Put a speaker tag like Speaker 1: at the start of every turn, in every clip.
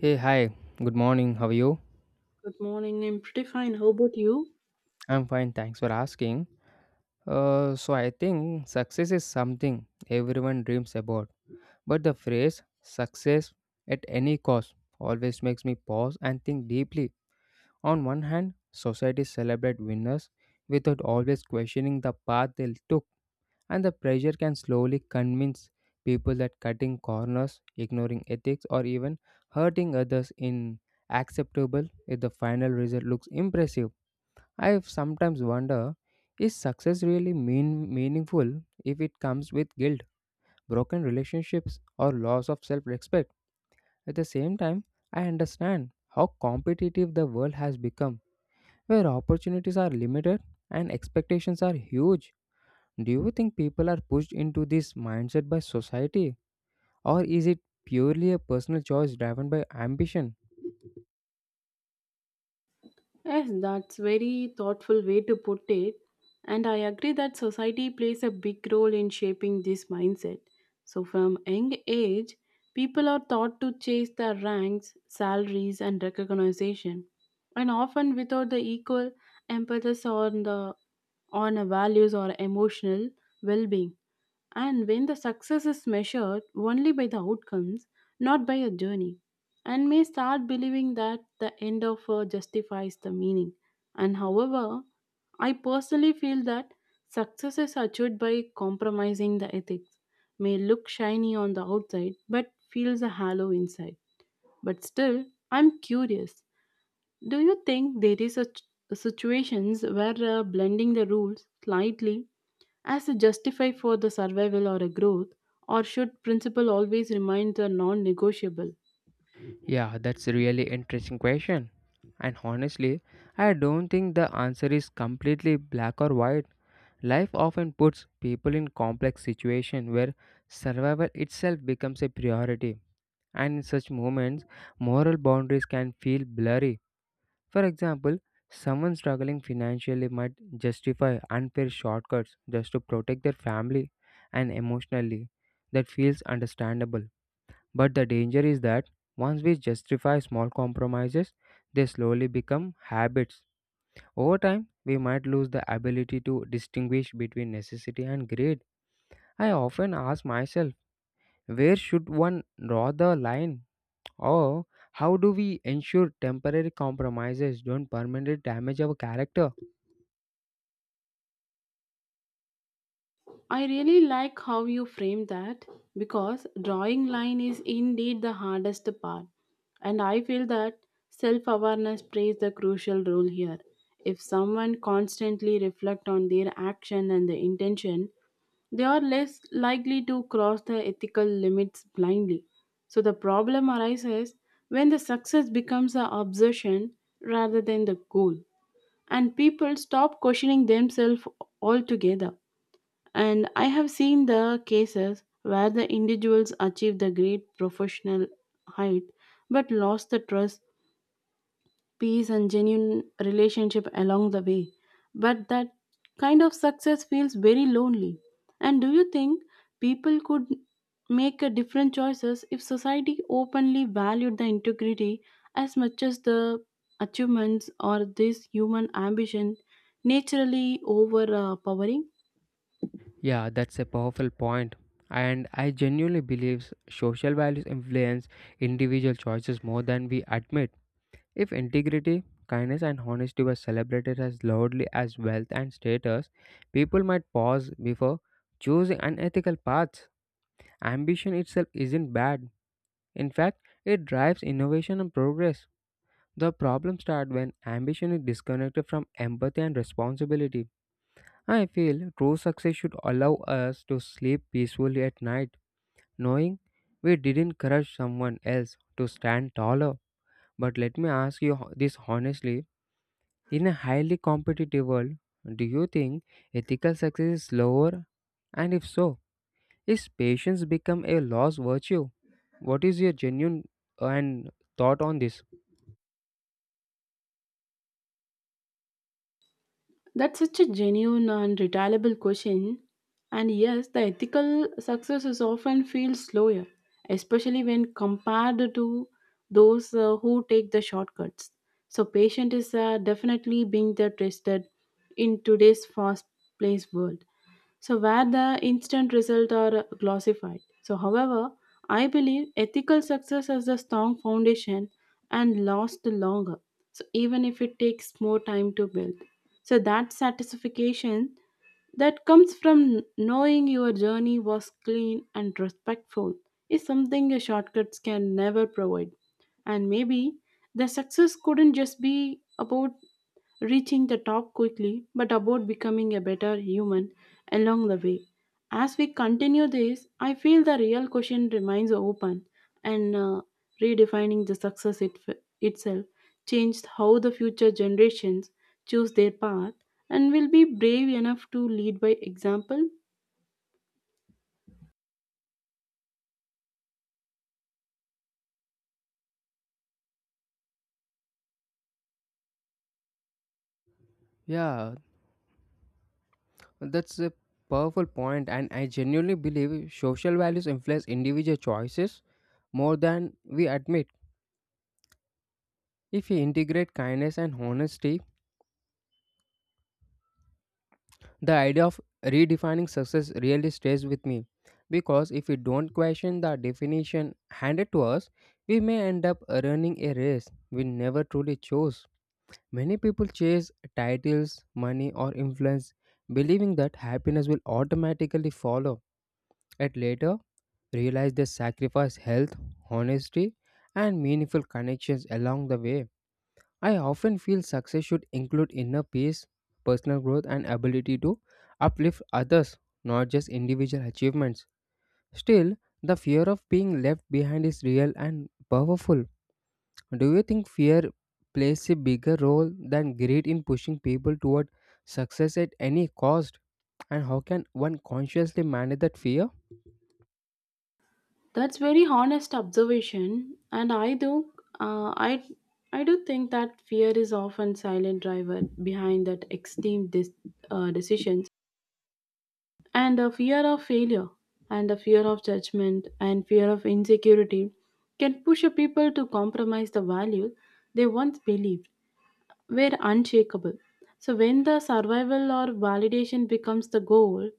Speaker 1: Hey, hi. Good morning. How are you?
Speaker 2: Good morning. I'm pretty fine. How about you?
Speaker 1: I'm fine. Thanks for asking. I think success is something everyone dreams about. But the phrase success at any cost always makes me pause and think deeply. On one hand, societies celebrate winners without always questioning the path they took, and the pressure can slowly convince people that cutting corners, ignoring ethics, or even hurting others in acceptable if the final result looks impressive. I sometimes wonder, is success really meaningful if it comes with guilt, broken relationships, or loss of self respect? At the same time, I understand how competitive the world has become, where opportunities are limited and expectations are huge. Do you think people are pushed into this mindset by society, or is it purely a personal choice driven by ambition?
Speaker 2: Yes, that's very thoughtful way to put it. And I agree that society plays a big role in shaping this mindset. So from young age, people are taught to chase their ranks, salaries and recognition, and often without the equal emphasis on the on values or emotional well-being. And when the success is measured only by the outcomes, not by a journey, and may start believing that the end of her justifies the meaning. And however, I personally feel that success is achieved by compromising the ethics, may look shiny on the outside but feels a hollow inside. But still, I'm curious. Do you think there is a situations where blending the rules slightly as a justify for the survival or a growth or should principle always remain the non-negotiable?
Speaker 1: Yeah, that's a really interesting question. And honestly, I don't think the answer is completely black or white. Life often puts people in complex situations where survival itself becomes a priority. And in such moments, moral boundaries can feel blurry. For example, someone struggling financially might justify unfair shortcuts just to protect their family and emotionally. That feels understandable. But the danger is that once we justify small compromises, they slowly become habits. Over time, we might lose the ability to distinguish between necessity and greed. I often ask myself, where should one draw the line? Or how do we ensure temporary compromises don't permanently damage our character?
Speaker 2: I really like how you frame that, because drawing line is indeed the hardest part, and I feel that self-awareness plays the crucial role here. If someone constantly reflect on their action and the intention, they are less likely to cross the ethical limits blindly. So the problem arises when the success becomes an obsession rather than the goal, and people stop questioning themselves altogether. And I have seen the cases where the individuals achieve the great professional height but lost the trust, peace and genuine relationship along the way. But that kind of success feels very lonely. And do you think people could make a different choices if society openly valued the integrity as much as the achievements, or this human ambition naturally overpowering?
Speaker 1: Yeah, that's a powerful point. And I genuinely believe social values influence individual choices more than we admit. If integrity, kindness, and honesty were celebrated as loudly as wealth and status, people might pause before choosing unethical paths. Ambition itself isn't bad. In fact, it drives innovation and progress. The problem starts when ambition is disconnected from empathy and responsibility. I feel true success should allow us to sleep peacefully at night, knowing we didn't crush someone else to stand taller. But let me ask you this honestly. In a highly competitive world, do you think ethical success is slower? And if so, is patience become a lost virtue? What is your genuine and thought on this?
Speaker 2: That's such a genuine and retailable question. And yes, the ethical success is often feels slower, especially when compared to those who take the shortcuts. So patient is definitely being the tested in today's fast-paced world so where the instant results are glossified. So, however, I believe ethical success has a strong foundation and lasts longer. So, even if it takes more time to build, so that satisfaction that comes from knowing your journey was clean and respectful is something your shortcuts can never provide. And maybe the success couldn't just be about reaching the top quickly, but about becoming a better human along the way. As we continue this, I feel the real question remains open and redefining the success itself changed how the future generations choose their path and will be brave enough to lead by example.
Speaker 1: Yeah, that's a powerful point, and I genuinely believe social values influence individual choices more than we admit. If we integrate kindness and honesty. The idea of redefining success really stays with me because if we don't question the definition handed to us, we may end up running a race we never truly chose. Many people chase titles, money, or influence, believing that happiness will automatically follow, and later realize they sacrifice health, honesty, and meaningful connections along the way. I often feel success should include inner peace, personal growth, and ability to uplift others, not just individual achievements. Still, the fear of being left behind is real and powerful. Do you think fear plays a bigger role than greed in pushing people toward success at any cost? And how can one consciously manage that fear?
Speaker 2: That's very honest observation, and uh, I I do think that fear is often silent driver behind that extreme decisions and a fear of failure and a fear of judgment and fear of insecurity can push a people to compromise the value they once believed were unshakable. So when the survival or validation becomes the goal,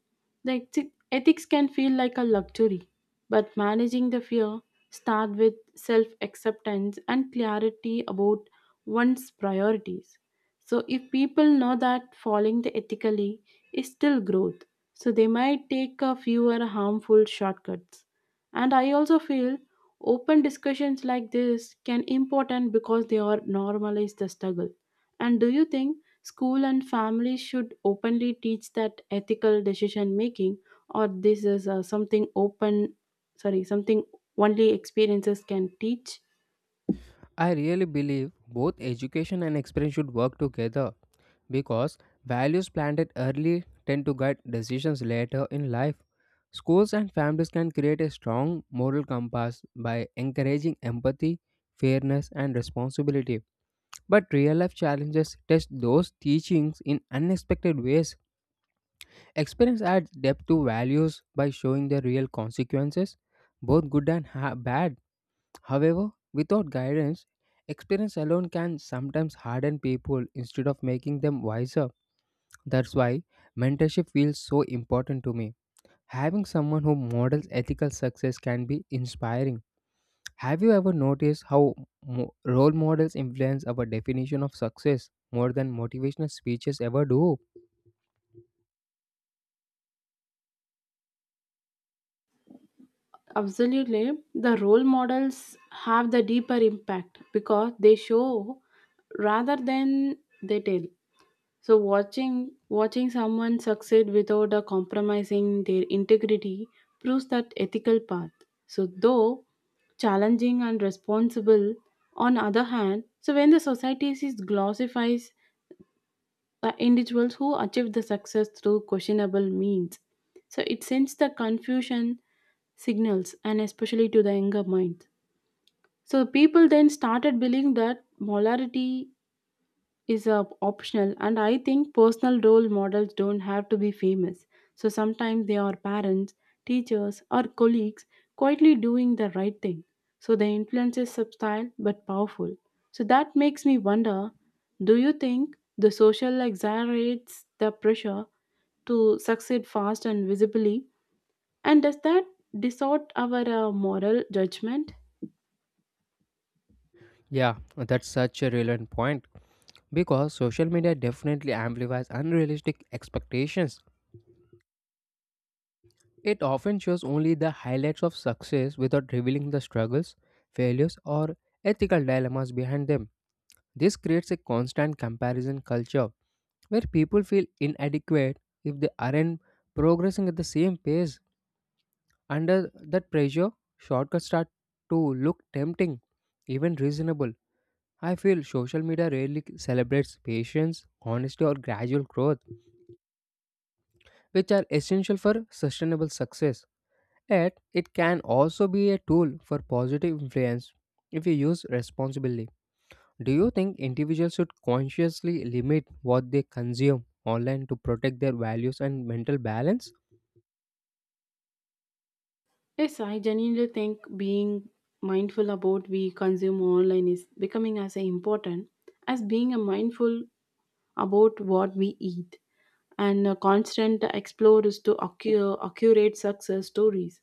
Speaker 2: the ethics can feel like a luxury. But managing the fear start with self-acceptance and clarity about one's priorities. So if people know that following the ethically is still growth, so they might take a fewer harmful shortcuts. And I also feel open discussions like this can important because they are normalize the struggle. And do you think school and family should openly teach that ethical decision making, or this is something open? Sorry, something only experiences can teach.
Speaker 1: I really believe both education and experience should work together because values planted early tend to guide decisions later in life. Schools and families can create a strong moral compass by encouraging empathy, fairness, and responsibility. But real life challenges test those teachings in unexpected ways. Experience adds depth to values by showing the real consequences, both good and bad. However, without guidance, experience alone can sometimes harden people instead of making them wiser. That's why mentorship feels so important to me. Having someone who models ethical success can be inspiring. Have you ever noticed how role models influence our definition of success more than motivational speeches ever do?
Speaker 2: Absolutely, the role models have the deeper impact because they show rather than they tell. So watching someone succeed without compromising their integrity proves that ethical path. So though challenging and responsible, on other hand, so when the society is glorifies the individuals who achieve the success through questionable means, so it sends the confusion signals and especially to the younger mind. So people then started believing that molarity is optional. And I think personal role models don't have to be famous, so sometimes they are parents, teachers or colleagues quietly doing the right thing. So the influence is subtle but powerful. So that makes me wonder, do you think the social exaggerates the pressure to succeed fast and visibly, and does that distort our moral judgment?
Speaker 1: Yeah, that's such a relevant point because social media definitely amplifies unrealistic expectations. It often shows only the highlights of success without revealing the struggles, failures, or ethical dilemmas behind them. This creates a constant comparison culture where people feel inadequate if they aren't progressing at the same pace. Under that pressure, shortcuts start to look tempting, even reasonable. I feel social media rarely celebrates patience, honesty, or gradual growth, which are essential for sustainable success. Yet, it can also be a tool for positive influence if you use responsibly. Do you think individuals should consciously limit what they consume online to protect their values and mental balance?
Speaker 2: Yes, I genuinely think being mindful about we consume online is becoming as important as being a mindful about what we eat. And a constant explorers to accurate success stories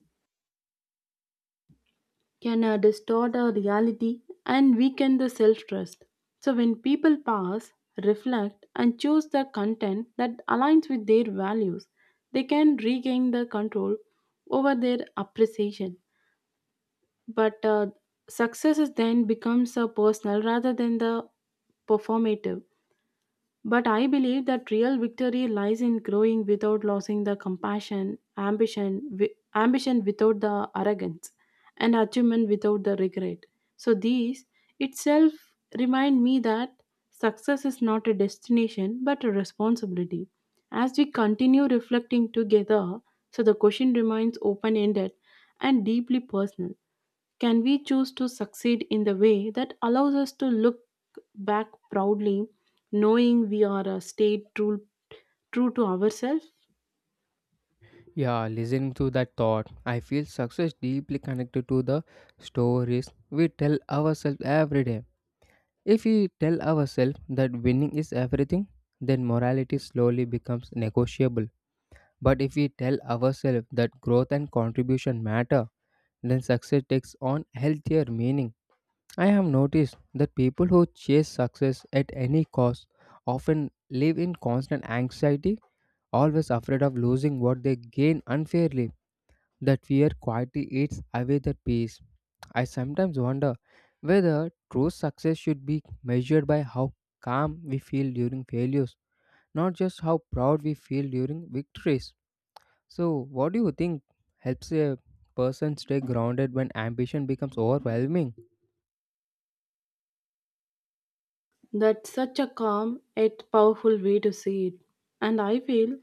Speaker 2: can distort our reality and weaken the self-trust. So when people pause, reflect and choose the content that aligns with their values, they can regain the control over their appreciation. But success is then becomes a personal rather than the performative. But I believe that real victory lies in growing without losing the compassion, ambition without the arrogance, and achievement without the regret. So these itself remind me that success is not a destination but a responsibility. As we continue reflecting together, so the question remains open ended and deeply personal. Can we choose to succeed in the way that allows us to look back proudly, knowing we are stayed true to ourselves?
Speaker 1: Yeah, listening to that thought, I feel success deeply connected to the stories we tell ourselves every day. If we tell ourselves that winning is everything, then morality slowly becomes negotiable. But if we tell ourselves that growth and contribution matter, then success takes on healthier meaning. I have noticed that people who chase success at any cost often live in constant anxiety, always afraid of losing what they gain unfairly. That fear quietly eats away the peace. I sometimes wonder whether true success should be measured by how calm we feel during failures, not just how proud we feel during victories. So, what do you think helps a person stay grounded when ambition becomes overwhelming?
Speaker 2: That's such a calm yet powerful way to see it. And I feel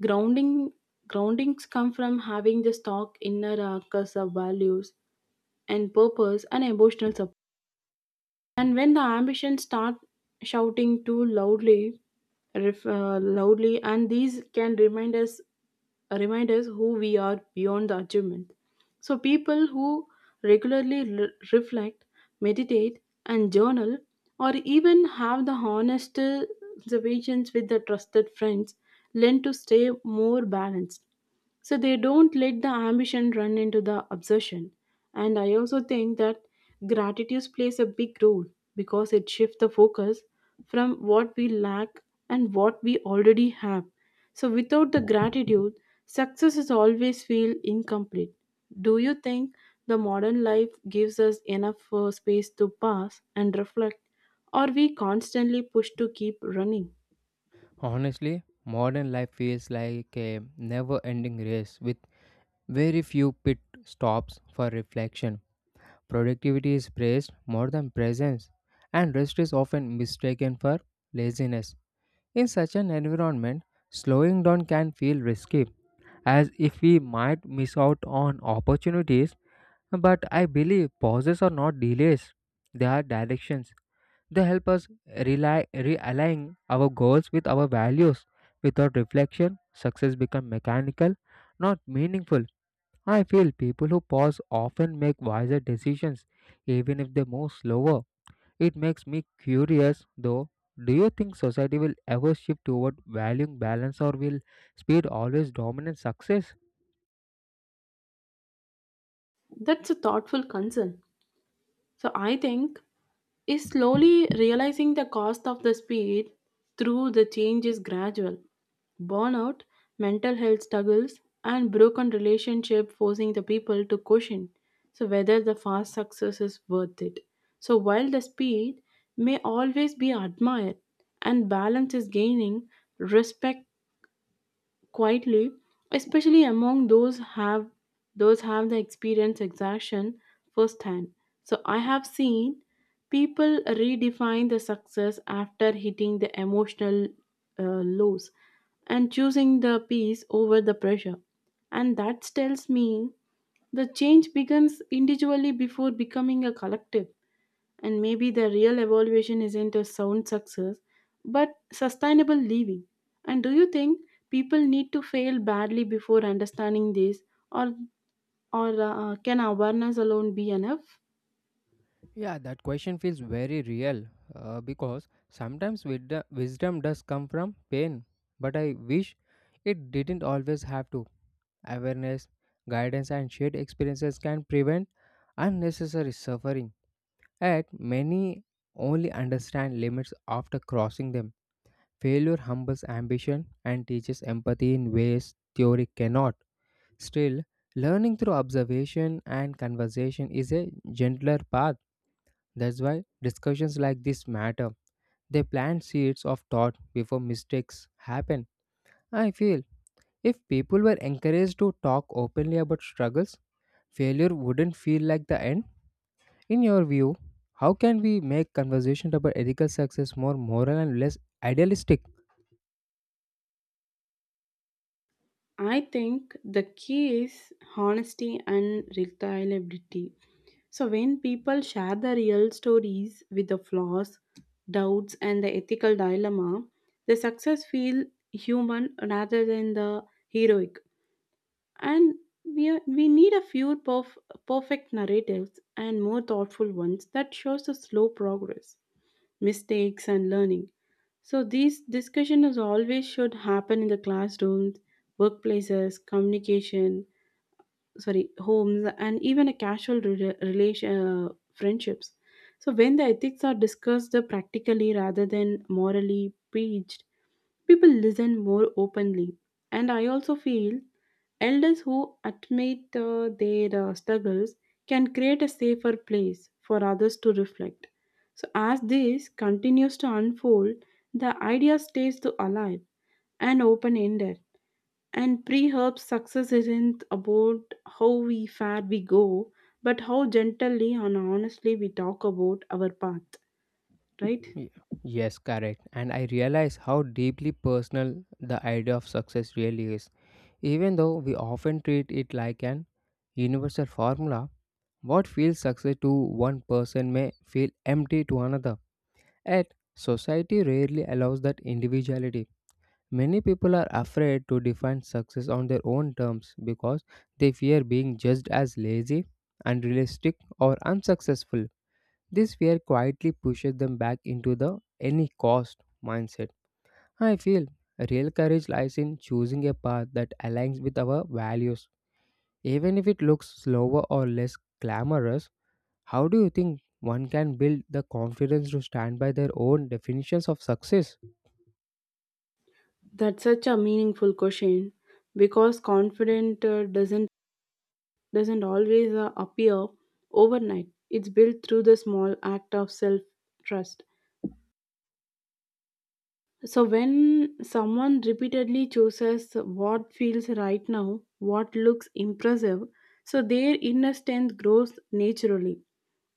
Speaker 2: grounding groundings come from having the stock inner anchors of values and purpose and emotional support. And when the ambitions start shouting too loudly, loudly, and these can remind us who we are beyond the achievement. So people who regularly reflect, meditate, and journal, or even have the honest observations with the trusted friends, learn to stay more balanced. So they don't let the ambition run into the obsession. And I also think that gratitude plays a big role because it shifts the focus from what we lack and what we already have. So without the gratitude, success is always feel incomplete. Do you think the modern life gives us enough space to pause and reflect, or we constantly push to keep running?
Speaker 1: Honestly, modern life feels like a never ending race with very few pit stops for reflection. Productivity is praised more than presence, and rest is often mistaken for laziness. In such an environment, slowing down can feel risky, as if we might miss out on opportunities. But I believe pauses are not delays, they are directions. They help us realign our goals with our values. Without reflection, success becomes mechanical, not meaningful. I feel people who pause often make wiser decisions, even if they move slower. It makes me curious though. Do you think society will ever shift toward valuing balance or will speed always dominate success?
Speaker 2: That's a thoughtful concern. So I think is slowly realizing the cost of the speed through the change is gradual. Burnout, mental health struggles, and broken relationship forcing the people to question so whether the fast success is worth it. So while the speed may always be admired and balance is gaining, respect quietly, especially among those have the experience exhaustion firsthand. So I have seen people redefine the success after hitting the emotional uh, lows and choosing the peace over the pressure. And that tells me the change begins individually before becoming a collective. And maybe the real evaluation isn't a sound success, but sustainable living. And do you think people need to fail badly before understanding this, or can awareness alone be enough?
Speaker 1: Yeah, that question feels very real because sometimes wisdom does come from pain, but I wish it didn't always have to. Awareness, guidance, and shared experiences can prevent unnecessary suffering. Yet, many only understand limits after crossing them. Failure humbles ambition and teaches empathy in ways theory cannot. Still, learning through observation and conversation is a gentler path. That's why discussions like this matter. They plant seeds of thought before mistakes happen. I feel if people were encouraged to talk openly about struggles, failure wouldn't feel like the end. In your view, how can we make conversation about ethical success more moral and less idealistic?
Speaker 2: I think the key is honesty and reliability. So, when people share the real stories with the flaws, doubts, and the ethical dilemma, the success feel human rather than the heroic. And we need a few perfect narratives and more thoughtful ones that shows the slow progress, mistakes and learning. So these discussion is always should happen in the classrooms, workplaces, communication, sorry, homes and even a casual relation friendships. So when the ethics are discussed practically rather than morally preached, people listen more openly. And I also feel elders who admit their struggles can create a safer place for others to reflect. So, as this continues to unfold, the idea stays to alive and open ended. And pre herb success isn't about how we far we go, but how gently and honestly we talk about our path, right?
Speaker 1: Y- Yes, correct. And I realize how deeply personal the idea of success really is. Even though we often treat it like an universal formula, what feels success to one person may feel empty to another. Yet, society rarely allows that individuality. Many people are afraid to define success on their own terms because they fear being judged as lazy, unrealistic, or unsuccessful. This fear quietly pushes them back into the any cost mindset. I feel real courage lies in choosing a path that aligns with our values. Even if it looks slower or less glamorous, how do you think one can build the confidence to stand by their own definitions of success?
Speaker 2: That's such a meaningful question because confident doesn't always appear overnight. It's built through the small act of self trust. So, when someone repeatedly chooses what feels right now, what looks impressive, so their inner strength grows naturally.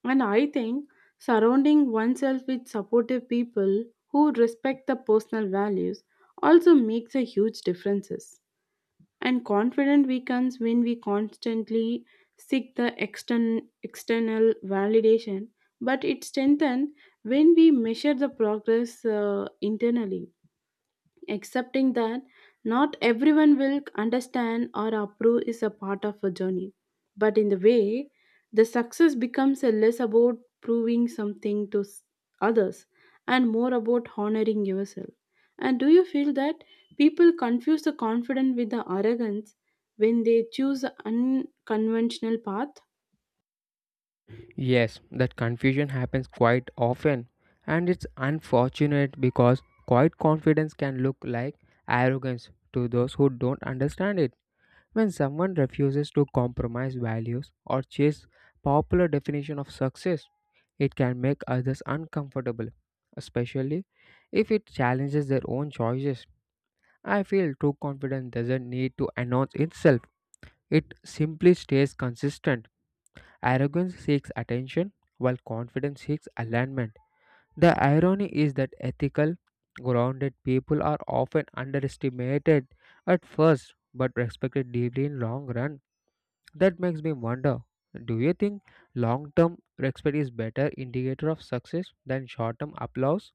Speaker 2: And I think surrounding oneself with supportive people who respect the personal values also makes a huge differences. And confident weakens when we constantly seek the external validation, but it strengthens when we measure the progress internally. Accepting that not everyone will understand or approve is a part of a journey. But in the way, the success becomes a less about proving something others and more about honoring yourself. And do you feel that people confuse the confident with the arrogance when they choose unconventional path?
Speaker 1: Yes, that confusion happens quite often, and it's unfortunate because quiet confidence can look like arrogance to those who don't understand it. When someone refuses to compromise values or chase popular definition of success, it can make others uncomfortable, especially if it challenges their own choices. I feel true confidence doesn't need to announce itself, it simply stays consistent. Arrogance seeks attention, while confidence seeks alignment. The irony is that ethical, grounded people are often underestimated at first but respected deeply in long run. That makes me wonder, do you think long term respect is better indicator of success than short term applause?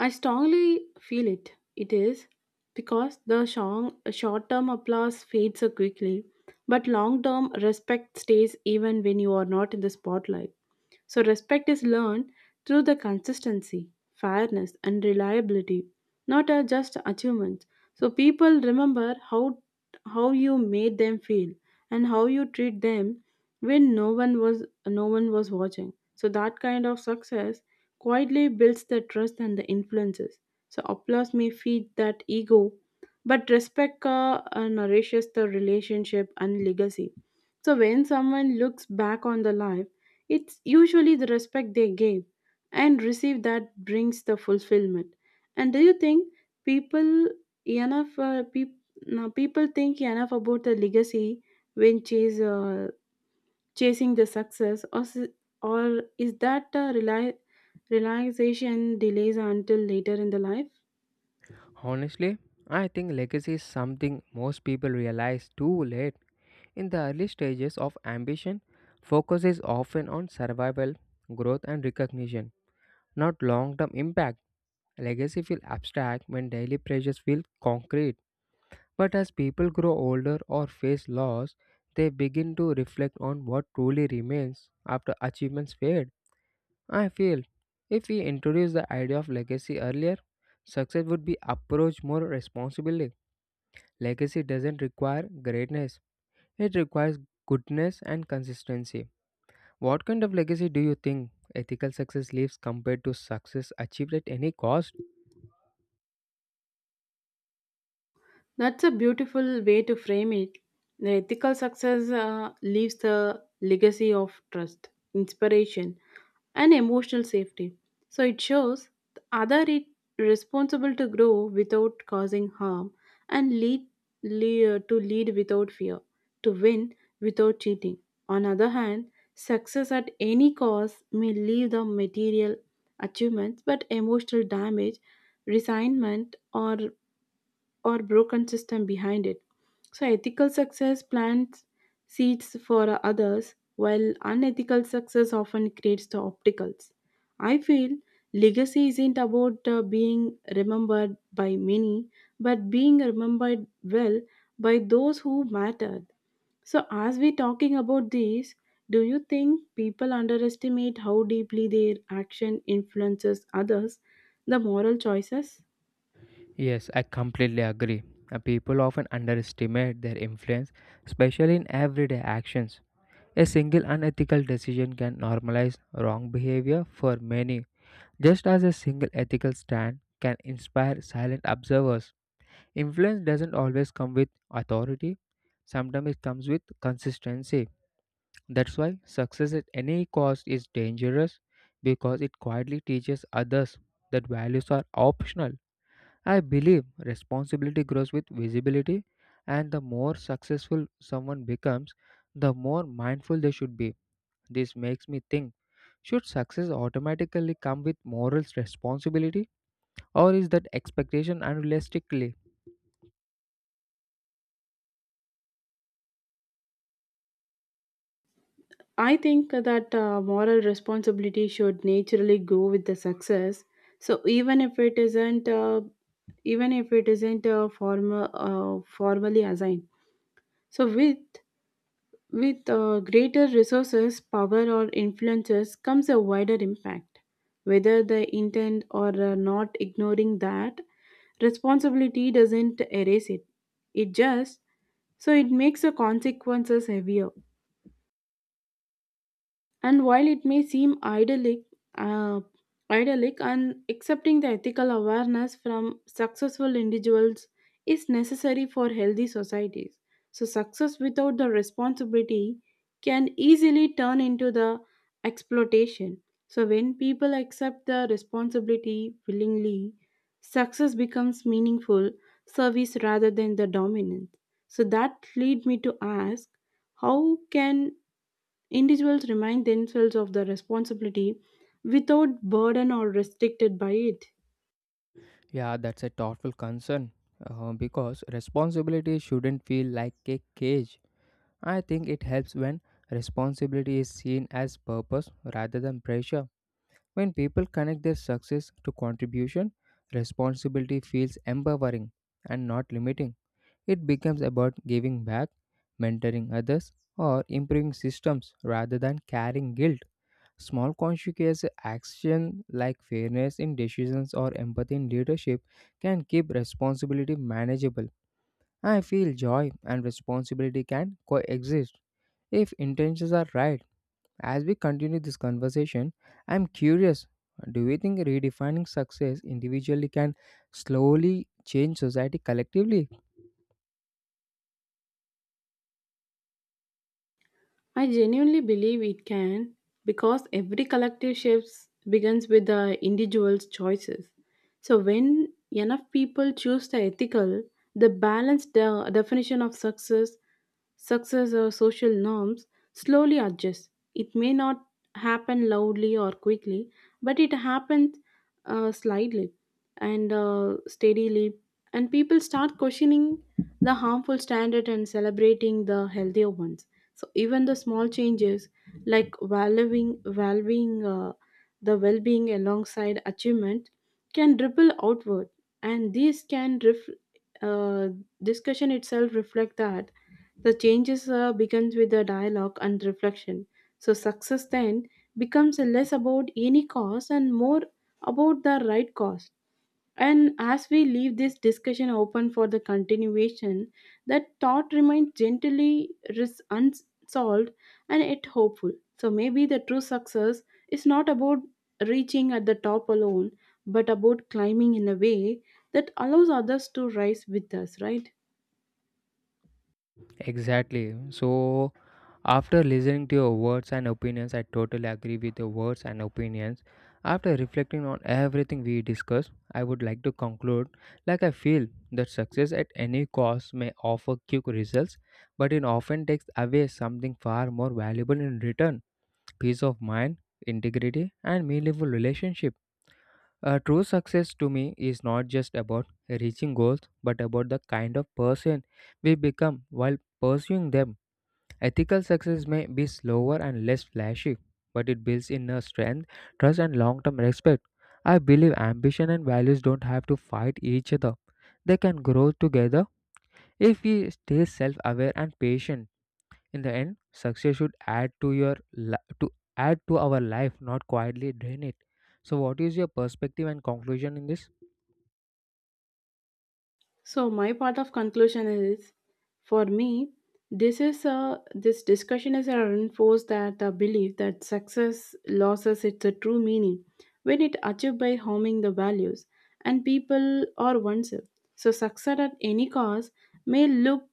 Speaker 2: I strongly feel it. It is because the short term applause fades so quickly, but long term respect stays even when you are not in the spotlight. So, respect is learned through the consistency, fairness, and reliability, not just achievements. So, people remember how you made them feel and how you treat them when no one was watching. So that kind of success quietly builds the trust and the influences. So applause may feed that ego, but respect nourishes the relationship and legacy. So when someone looks back on the life, it's usually the respect they gave and receive that brings the fulfillment. And do you think people enough peop now people think enough about the legacy when chase chasing the success or is that rely relaxation delays until later in the life?
Speaker 1: Honestly, I think legacy is something most people realize too late. In the early stages of ambition, focus is often on survival, growth, and recognition, not long term impact. Legacy feels abstract when daily pressures feel concrete. But as people grow older or face loss, they begin to reflect on what truly remains after achievements fade. I feel if we introduce the idea of legacy earlier, success would be approached more responsibly. Legacy doesn't require greatness, it requires goodness and consistency. What kind of legacy do you think ethical success leaves compared to success achieved at any cost?
Speaker 2: That's a beautiful way to frame it. The ethical success leaves the legacy of trust, inspiration, and emotional safety. So it shows the other is responsible to grow without causing harm and lead without fear, to win without cheating. On other hand, success at any cost may leave the material achievements but emotional damage, resignment or broken system behind it. So ethical success plants seeds for others, while unethical success often creates the obstacles. I feel legacy isn't about being remembered by many, but being remembered well by those who mattered. So, as we're talking about this, do you think people underestimate how deeply their action influences others, the moral choices?
Speaker 1: Yes, I completely agree. People often underestimate their influence, especially in everyday actions. A single unethical decision can normalize wrong behavior for many, just as a single ethical stand can inspire silent observers. Influence doesn't always come with authority, sometimes it comes with consistency. That's why success at any cost is dangerous because it quietly teaches others that values are optional. I believe responsibility grows with visibility, and the more successful someone becomes, the more mindful they should be. This makes me think, should success automatically come with moral responsibility, or is that expectation unrealistically?
Speaker 2: I think that moral responsibility should naturally go with the success. So even if it isn't, even if it isn't formal, formally assigned. So with greater resources, power, or influences comes a wider impact. Whether the intent or not, ignoring that responsibility doesn't erase it. It just so it makes the consequences heavier. And while it may seem uh, idyllic and accepting, the ethical awareness from successful individuals is necessary for healthy societies. So success without the responsibility can easily turn into the exploitation. So when people accept the responsibility willingly, success becomes meaningful service rather than the dominance. So that lead me to ask, how can individuals remind themselves of the responsibility without burden or restricted by it?
Speaker 1: Yeah, that's a thoughtful concern because responsibility shouldn't feel like a cage. I think it helps when responsibility is seen as purpose rather than pressure. When people connect their success to contribution, responsibility feels empowering and not limiting. It becomes about giving back, mentoring others, or improving systems rather than carrying guilt. Small conscious action like fairness in decisions or empathy in leadership can keep responsibility manageable. I feel joy and responsibility can coexist if intentions are right. As we continue this conversation, I'm curious, do you think redefining success individually can slowly change society collectively?
Speaker 2: I genuinely believe it can, because every collective shifts begins with the individual's choices. So when enough people choose the ethical, the balanced definition of success, success or social norms slowly adjusts. It may not happen loudly or quickly, but it happens slightly and steadily. And people start questioning the harmful standard and celebrating the healthier ones. So even the small changes like valuing the well-being alongside achievement can ripple outward, and uh, discussion itself reflect that the changes begins with the dialogue and reflection. So success then becomes less about any cause and more about the right cause. And as we leave this discussion open for the continuation, that thought remains gently unsolved and yet hopeful. So maybe the true success is not about reaching at the top alone, but about climbing in a way that allows others to rise with us, right?
Speaker 1: Exactly. So, after listening to your words and opinions, I totally agree with your words and opinions. After reflecting on everything we discussed, I would like to conclude, like, I feel that success at any cost may offer quick results, but it often takes away something far more valuable in return. Peace of mind, integrity, and meaningful relationship. A true success to me is not just about reaching goals, but about the kind of person we become while pursuing them. Ethical success may be slower and less flashy, but it builds inner strength, trust, and long term respect. I believe ambition and values don't have to fight each other, they can grow together if we stay self aware and patient. In the end, success should add to your li- to add to our life, not quietly drain it. So, what is your perspective and conclusion in this?
Speaker 2: So my part of conclusion is, for me, this discussion is a reinforce that belief that success losses its a true meaning when it achieved by harming the values and people or oneself. So success at any cost may look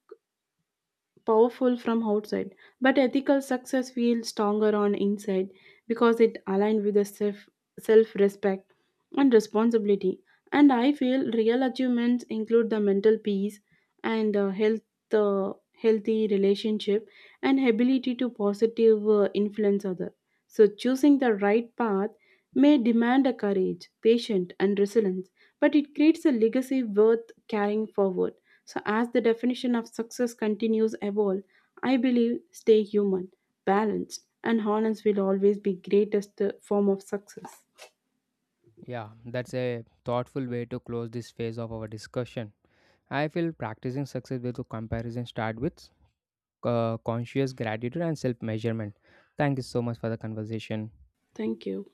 Speaker 2: powerful from outside, but ethical success feels stronger on inside because it aligns with the self respect and responsibility. And I feel real achievements include the mental peace and healthy relationship and ability to positive influence other. So choosing the right path may demand a courage, patience, and resilience, but it creates a legacy worth carrying forward. So, as the definition of success continues evolve, I believe stay human, balanced, and honest will always be greatest form of success.
Speaker 1: Yeah, that's a thoughtful way to close this phase of our discussion. I feel practicing success with a comparison start with conscious gratitude and self measurement. Thank you so much for the conversation.
Speaker 2: Thank you.